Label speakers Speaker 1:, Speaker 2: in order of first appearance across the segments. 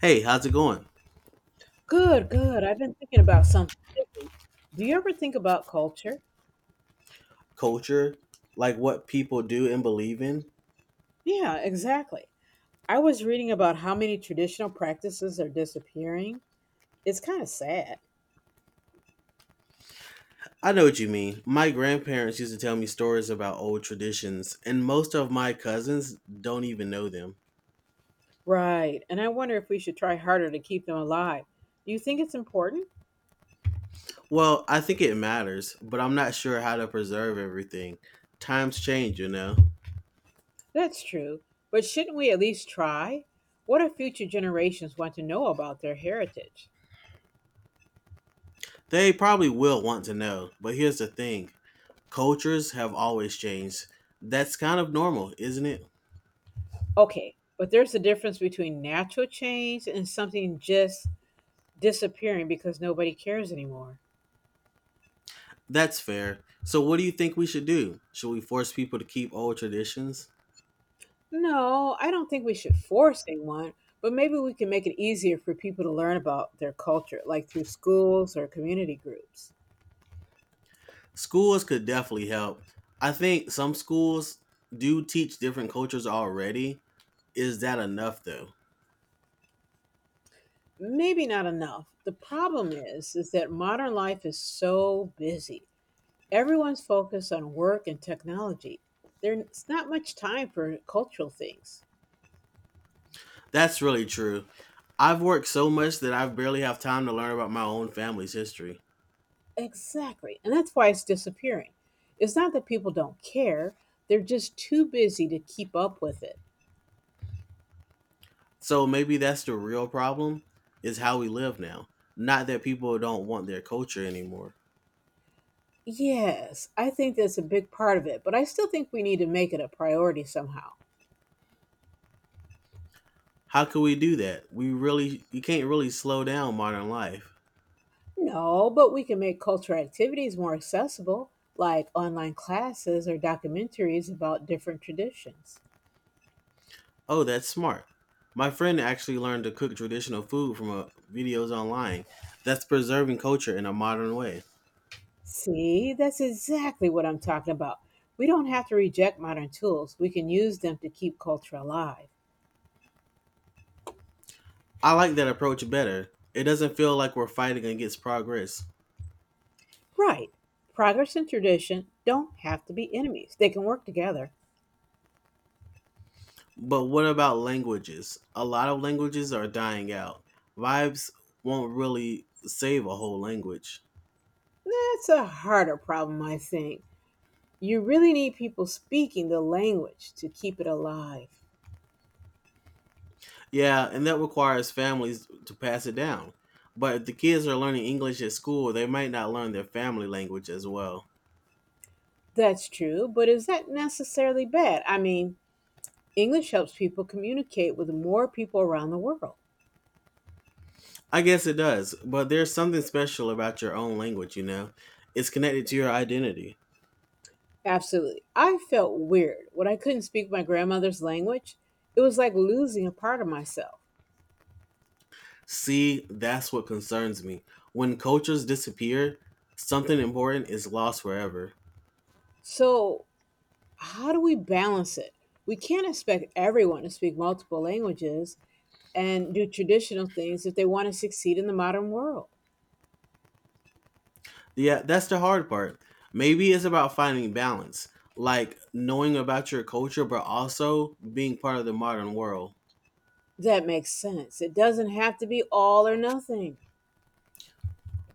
Speaker 1: Hey, how's it going?
Speaker 2: Good, good. I've been thinking about something lately. Do you ever think about culture?
Speaker 1: Culture, like what people do and believe in?
Speaker 2: Yeah, exactly. I was reading about how many traditional practices are disappearing. It's kind of sad.
Speaker 1: I know what you mean. My grandparents used to tell me stories about old traditions, and most of my cousins don't even know them.
Speaker 2: Right. And I wonder if we should try harder to keep them alive. Do you think it's important?
Speaker 1: Well, I think it matters, but I'm not sure how to preserve everything. Times change, you know.
Speaker 2: That's true. But shouldn't we at least try? What if future generations want to know about their heritage?
Speaker 1: They probably will want to know, but here's the thing, cultures have always changed. That's kind of normal, isn't it?
Speaker 2: Okay, but there's a difference between natural change and something just disappearing because nobody cares anymore.
Speaker 1: That's fair. So, what do you think we should do? Should we force people to keep old traditions?
Speaker 2: No, I don't think we should force anyone, but maybe we can make it easier for people to learn about their culture, like through schools or community groups.
Speaker 1: Schools could definitely help. I think some schools do teach different cultures already. Is that enough though?
Speaker 2: Maybe not enough. The problem is that modern life is so busy. Everyone's focused on work and technology. There's not much time for cultural things.
Speaker 1: That's really true. I've worked so much that I barely have time to learn about my own family's history.
Speaker 2: Exactly. And that's why it's disappearing. It's not that people don't care, they're just too busy to keep up with it.
Speaker 1: So maybe that's the real problem is how we live now. Not that people don't want their culture anymore.
Speaker 2: Yes, I think that's a big part of it, but I still think we need to make it a priority somehow.
Speaker 1: How can we do that? We really You can't really slow down modern life.
Speaker 2: No, but we can make cultural activities more accessible, like online classes or documentaries about different traditions.
Speaker 1: Oh, that's smart. My friend actually learned to cook traditional food from videos online. That's preserving culture in a modern way.
Speaker 2: See, that's exactly what I'm talking about. We don't have to reject modern tools, we can use them to keep culture alive.
Speaker 1: I like that approach better. It doesn't feel like we're fighting against progress.
Speaker 2: Right, progress and tradition don't have to be enemies, they can work together.
Speaker 1: But what about languages? A lot of languages are dying out. Vibes won't really save a whole language.
Speaker 2: That's a harder problem, I think. You really need people speaking the language to keep it alive.
Speaker 1: Yeah, and that requires families to pass it down. But if the kids are learning English at school, they might not learn their family language as well.
Speaker 2: That's true, but is that necessarily bad? I mean, English helps people communicate with more people around the world.
Speaker 1: I guess it does, but there's something special about your own language, you know? It's connected to your identity.
Speaker 2: Absolutely. I felt weird when I couldn't speak my grandmother's language. It was like losing a part of myself.
Speaker 1: See, that's what concerns me. When cultures disappear, something important is lost forever.
Speaker 2: So, how do we balance it? We can't expect everyone to speak multiple languages and do traditional things if they want to succeed in the modern world.
Speaker 1: Yeah, that's the hard part. Maybe it's about finding balance, like knowing about your culture, but also being part of the modern world,
Speaker 2: That makes sense. It doesn't have to be all or nothing.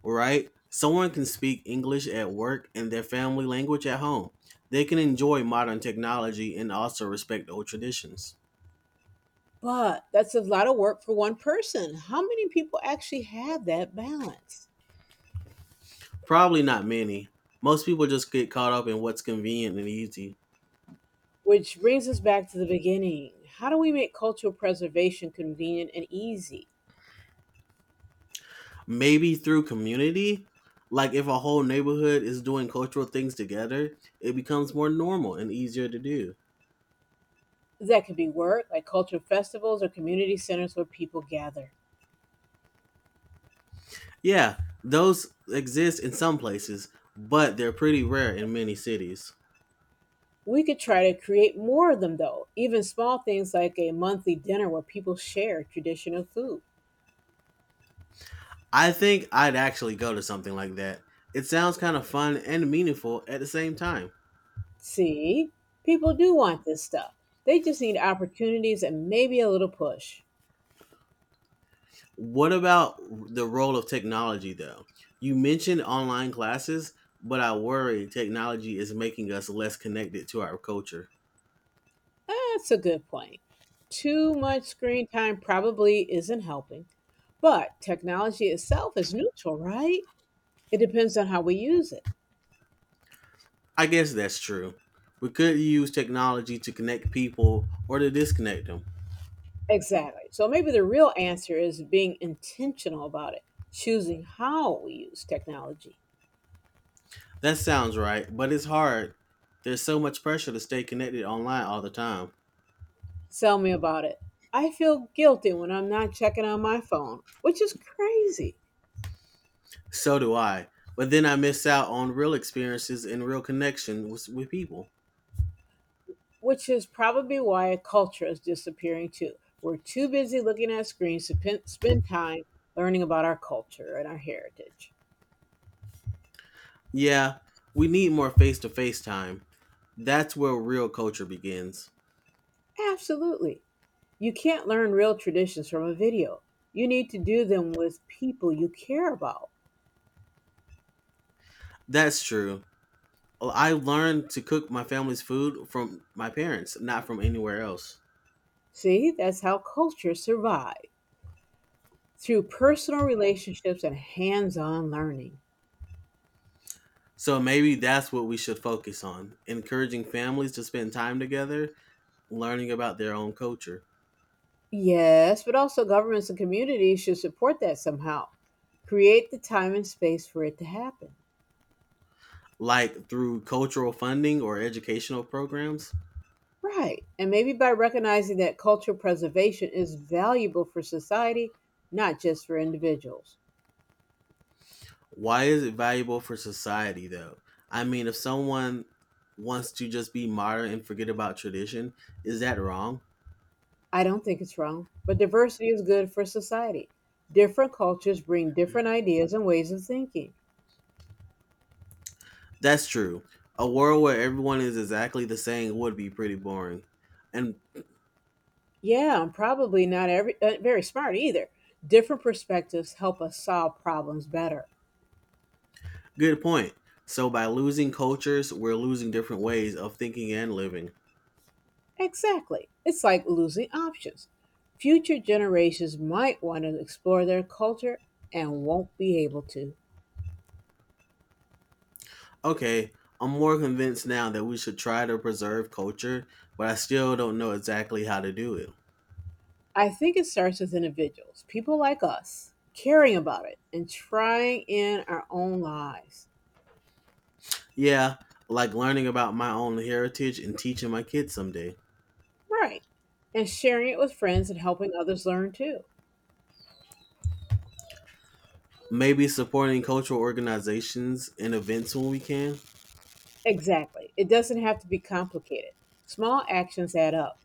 Speaker 1: right? Someone can speak English at work and their family language at home. They can enjoy modern technology and also respect old traditions.
Speaker 2: But that's a lot of work for one person. How many people actually have that balance?
Speaker 1: Probably not many. Most people just get caught up in what's convenient and easy.
Speaker 2: Which brings us back to the beginning. How do we make cultural preservation convenient and easy?
Speaker 1: Maybe through community, like if a whole neighborhood is doing cultural things together, it becomes more normal and easier to do.
Speaker 2: That could be work, like cultural festivals or community centers where people gather.
Speaker 1: Yeah, those exist in some places, but they're pretty rare in many cities.
Speaker 2: We could try to create more of them, though, even small things like a monthly dinner where people share traditional food.
Speaker 1: I think I'd actually go to something like that. It sounds kind of fun and meaningful at the same time.
Speaker 2: See, people do want this stuff. They just need opportunities and maybe a little push.
Speaker 1: What about the role of technology, though? You mentioned online classes, but I worry technology is making us less connected to our culture.
Speaker 2: That's a good point. Too much screen time probably isn't helping, but technology itself is neutral, right? It depends on how we use it.
Speaker 1: I guess that's true. We could use technology to connect people or to disconnect them.
Speaker 2: Exactly. So maybe the real answer is being intentional about it, choosing how we use technology.
Speaker 1: That sounds right, but it's hard. There's so much pressure to stay connected online all the time.
Speaker 2: Tell me about it. I feel guilty when I'm not checking on my phone, which is crazy.
Speaker 1: So do I. But then I miss out on real experiences and real connection with people.
Speaker 2: Which is probably why a culture is disappearing too. We're too busy looking at screens to spend time learning about our culture and our heritage.
Speaker 1: Yeah, we need more face to face time. That's where real culture begins.
Speaker 2: Absolutely. You can't learn real traditions from a video. You need to do them with people you care about.
Speaker 1: That's true. I learned to cook my family's food from my parents, not from anywhere else.
Speaker 2: See, that's how cultures survive through personal relationships and hands on learning.
Speaker 1: So maybe that's what we should focus on encouraging families to spend time together, learning about their own culture,
Speaker 2: Yes, but also governments and communities should support that somehow. Create the time and space for it to happen.
Speaker 1: like through cultural funding or educational programs.
Speaker 2: Right. And maybe by recognizing that cultural preservation is valuable for society, not just for individuals.
Speaker 1: Why is it valuable for society, though? I mean, if someone wants to just be modern and forget about tradition, is that wrong?
Speaker 2: I don't think it's wrong, but diversity is good for society. Different cultures bring different ideas and ways of thinking.
Speaker 1: That's true. A world where everyone is exactly the same would be pretty boring. And
Speaker 2: Yeah, I'm probably not very smart either. Different perspectives help us solve problems better.
Speaker 1: good point. So by losing cultures, we're losing different ways of thinking and living.
Speaker 2: Exactly. It's like losing options. Future generations might want to explore their culture and won't be able to.
Speaker 1: Okay, I'm more convinced now that we should try to preserve culture, but I still don't know exactly how to do it.
Speaker 2: I think it starts with individuals, people like us, caring about it and trying in our own lives.
Speaker 1: Yeah, like learning about my own heritage and teaching my kids someday.
Speaker 2: Right. And sharing it with friends and helping others learn too.
Speaker 1: Maybe supporting cultural organizations and events when we can.
Speaker 2: Exactly. It doesn't have to be complicated. Small actions add up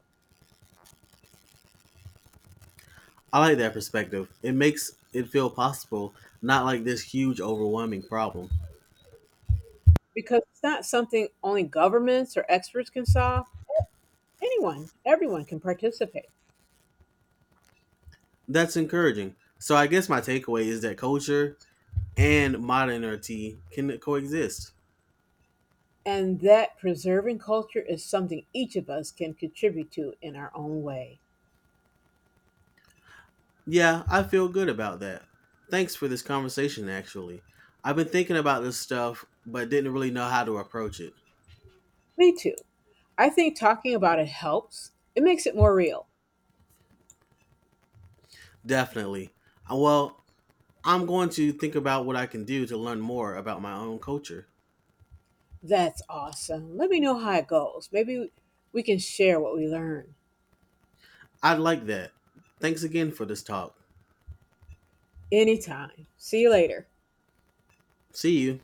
Speaker 1: I like that perspective. It makes it feel possible, not like this huge, overwhelming problem.
Speaker 2: because it's not something only governments or experts can solve. Anyone, everyone can participate.
Speaker 1: That's encouraging. So, I guess my takeaway is that culture and modernity can coexist.
Speaker 2: And that preserving culture is something each of us can contribute to in our own way.
Speaker 1: Yeah, I feel good about that. Thanks for this conversation, actually. I've been thinking about this stuff, but didn't really know how to approach it.
Speaker 2: Me too. I think talking about it helps. It makes it more real.
Speaker 1: Definitely. Well, I'm going to think about what I can do to learn more about my own culture.
Speaker 2: That's awesome. Let me know how it goes. Maybe we can share what we learn.
Speaker 1: I'd like that. Thanks again for this talk.
Speaker 2: Anytime. See you later.
Speaker 1: See you.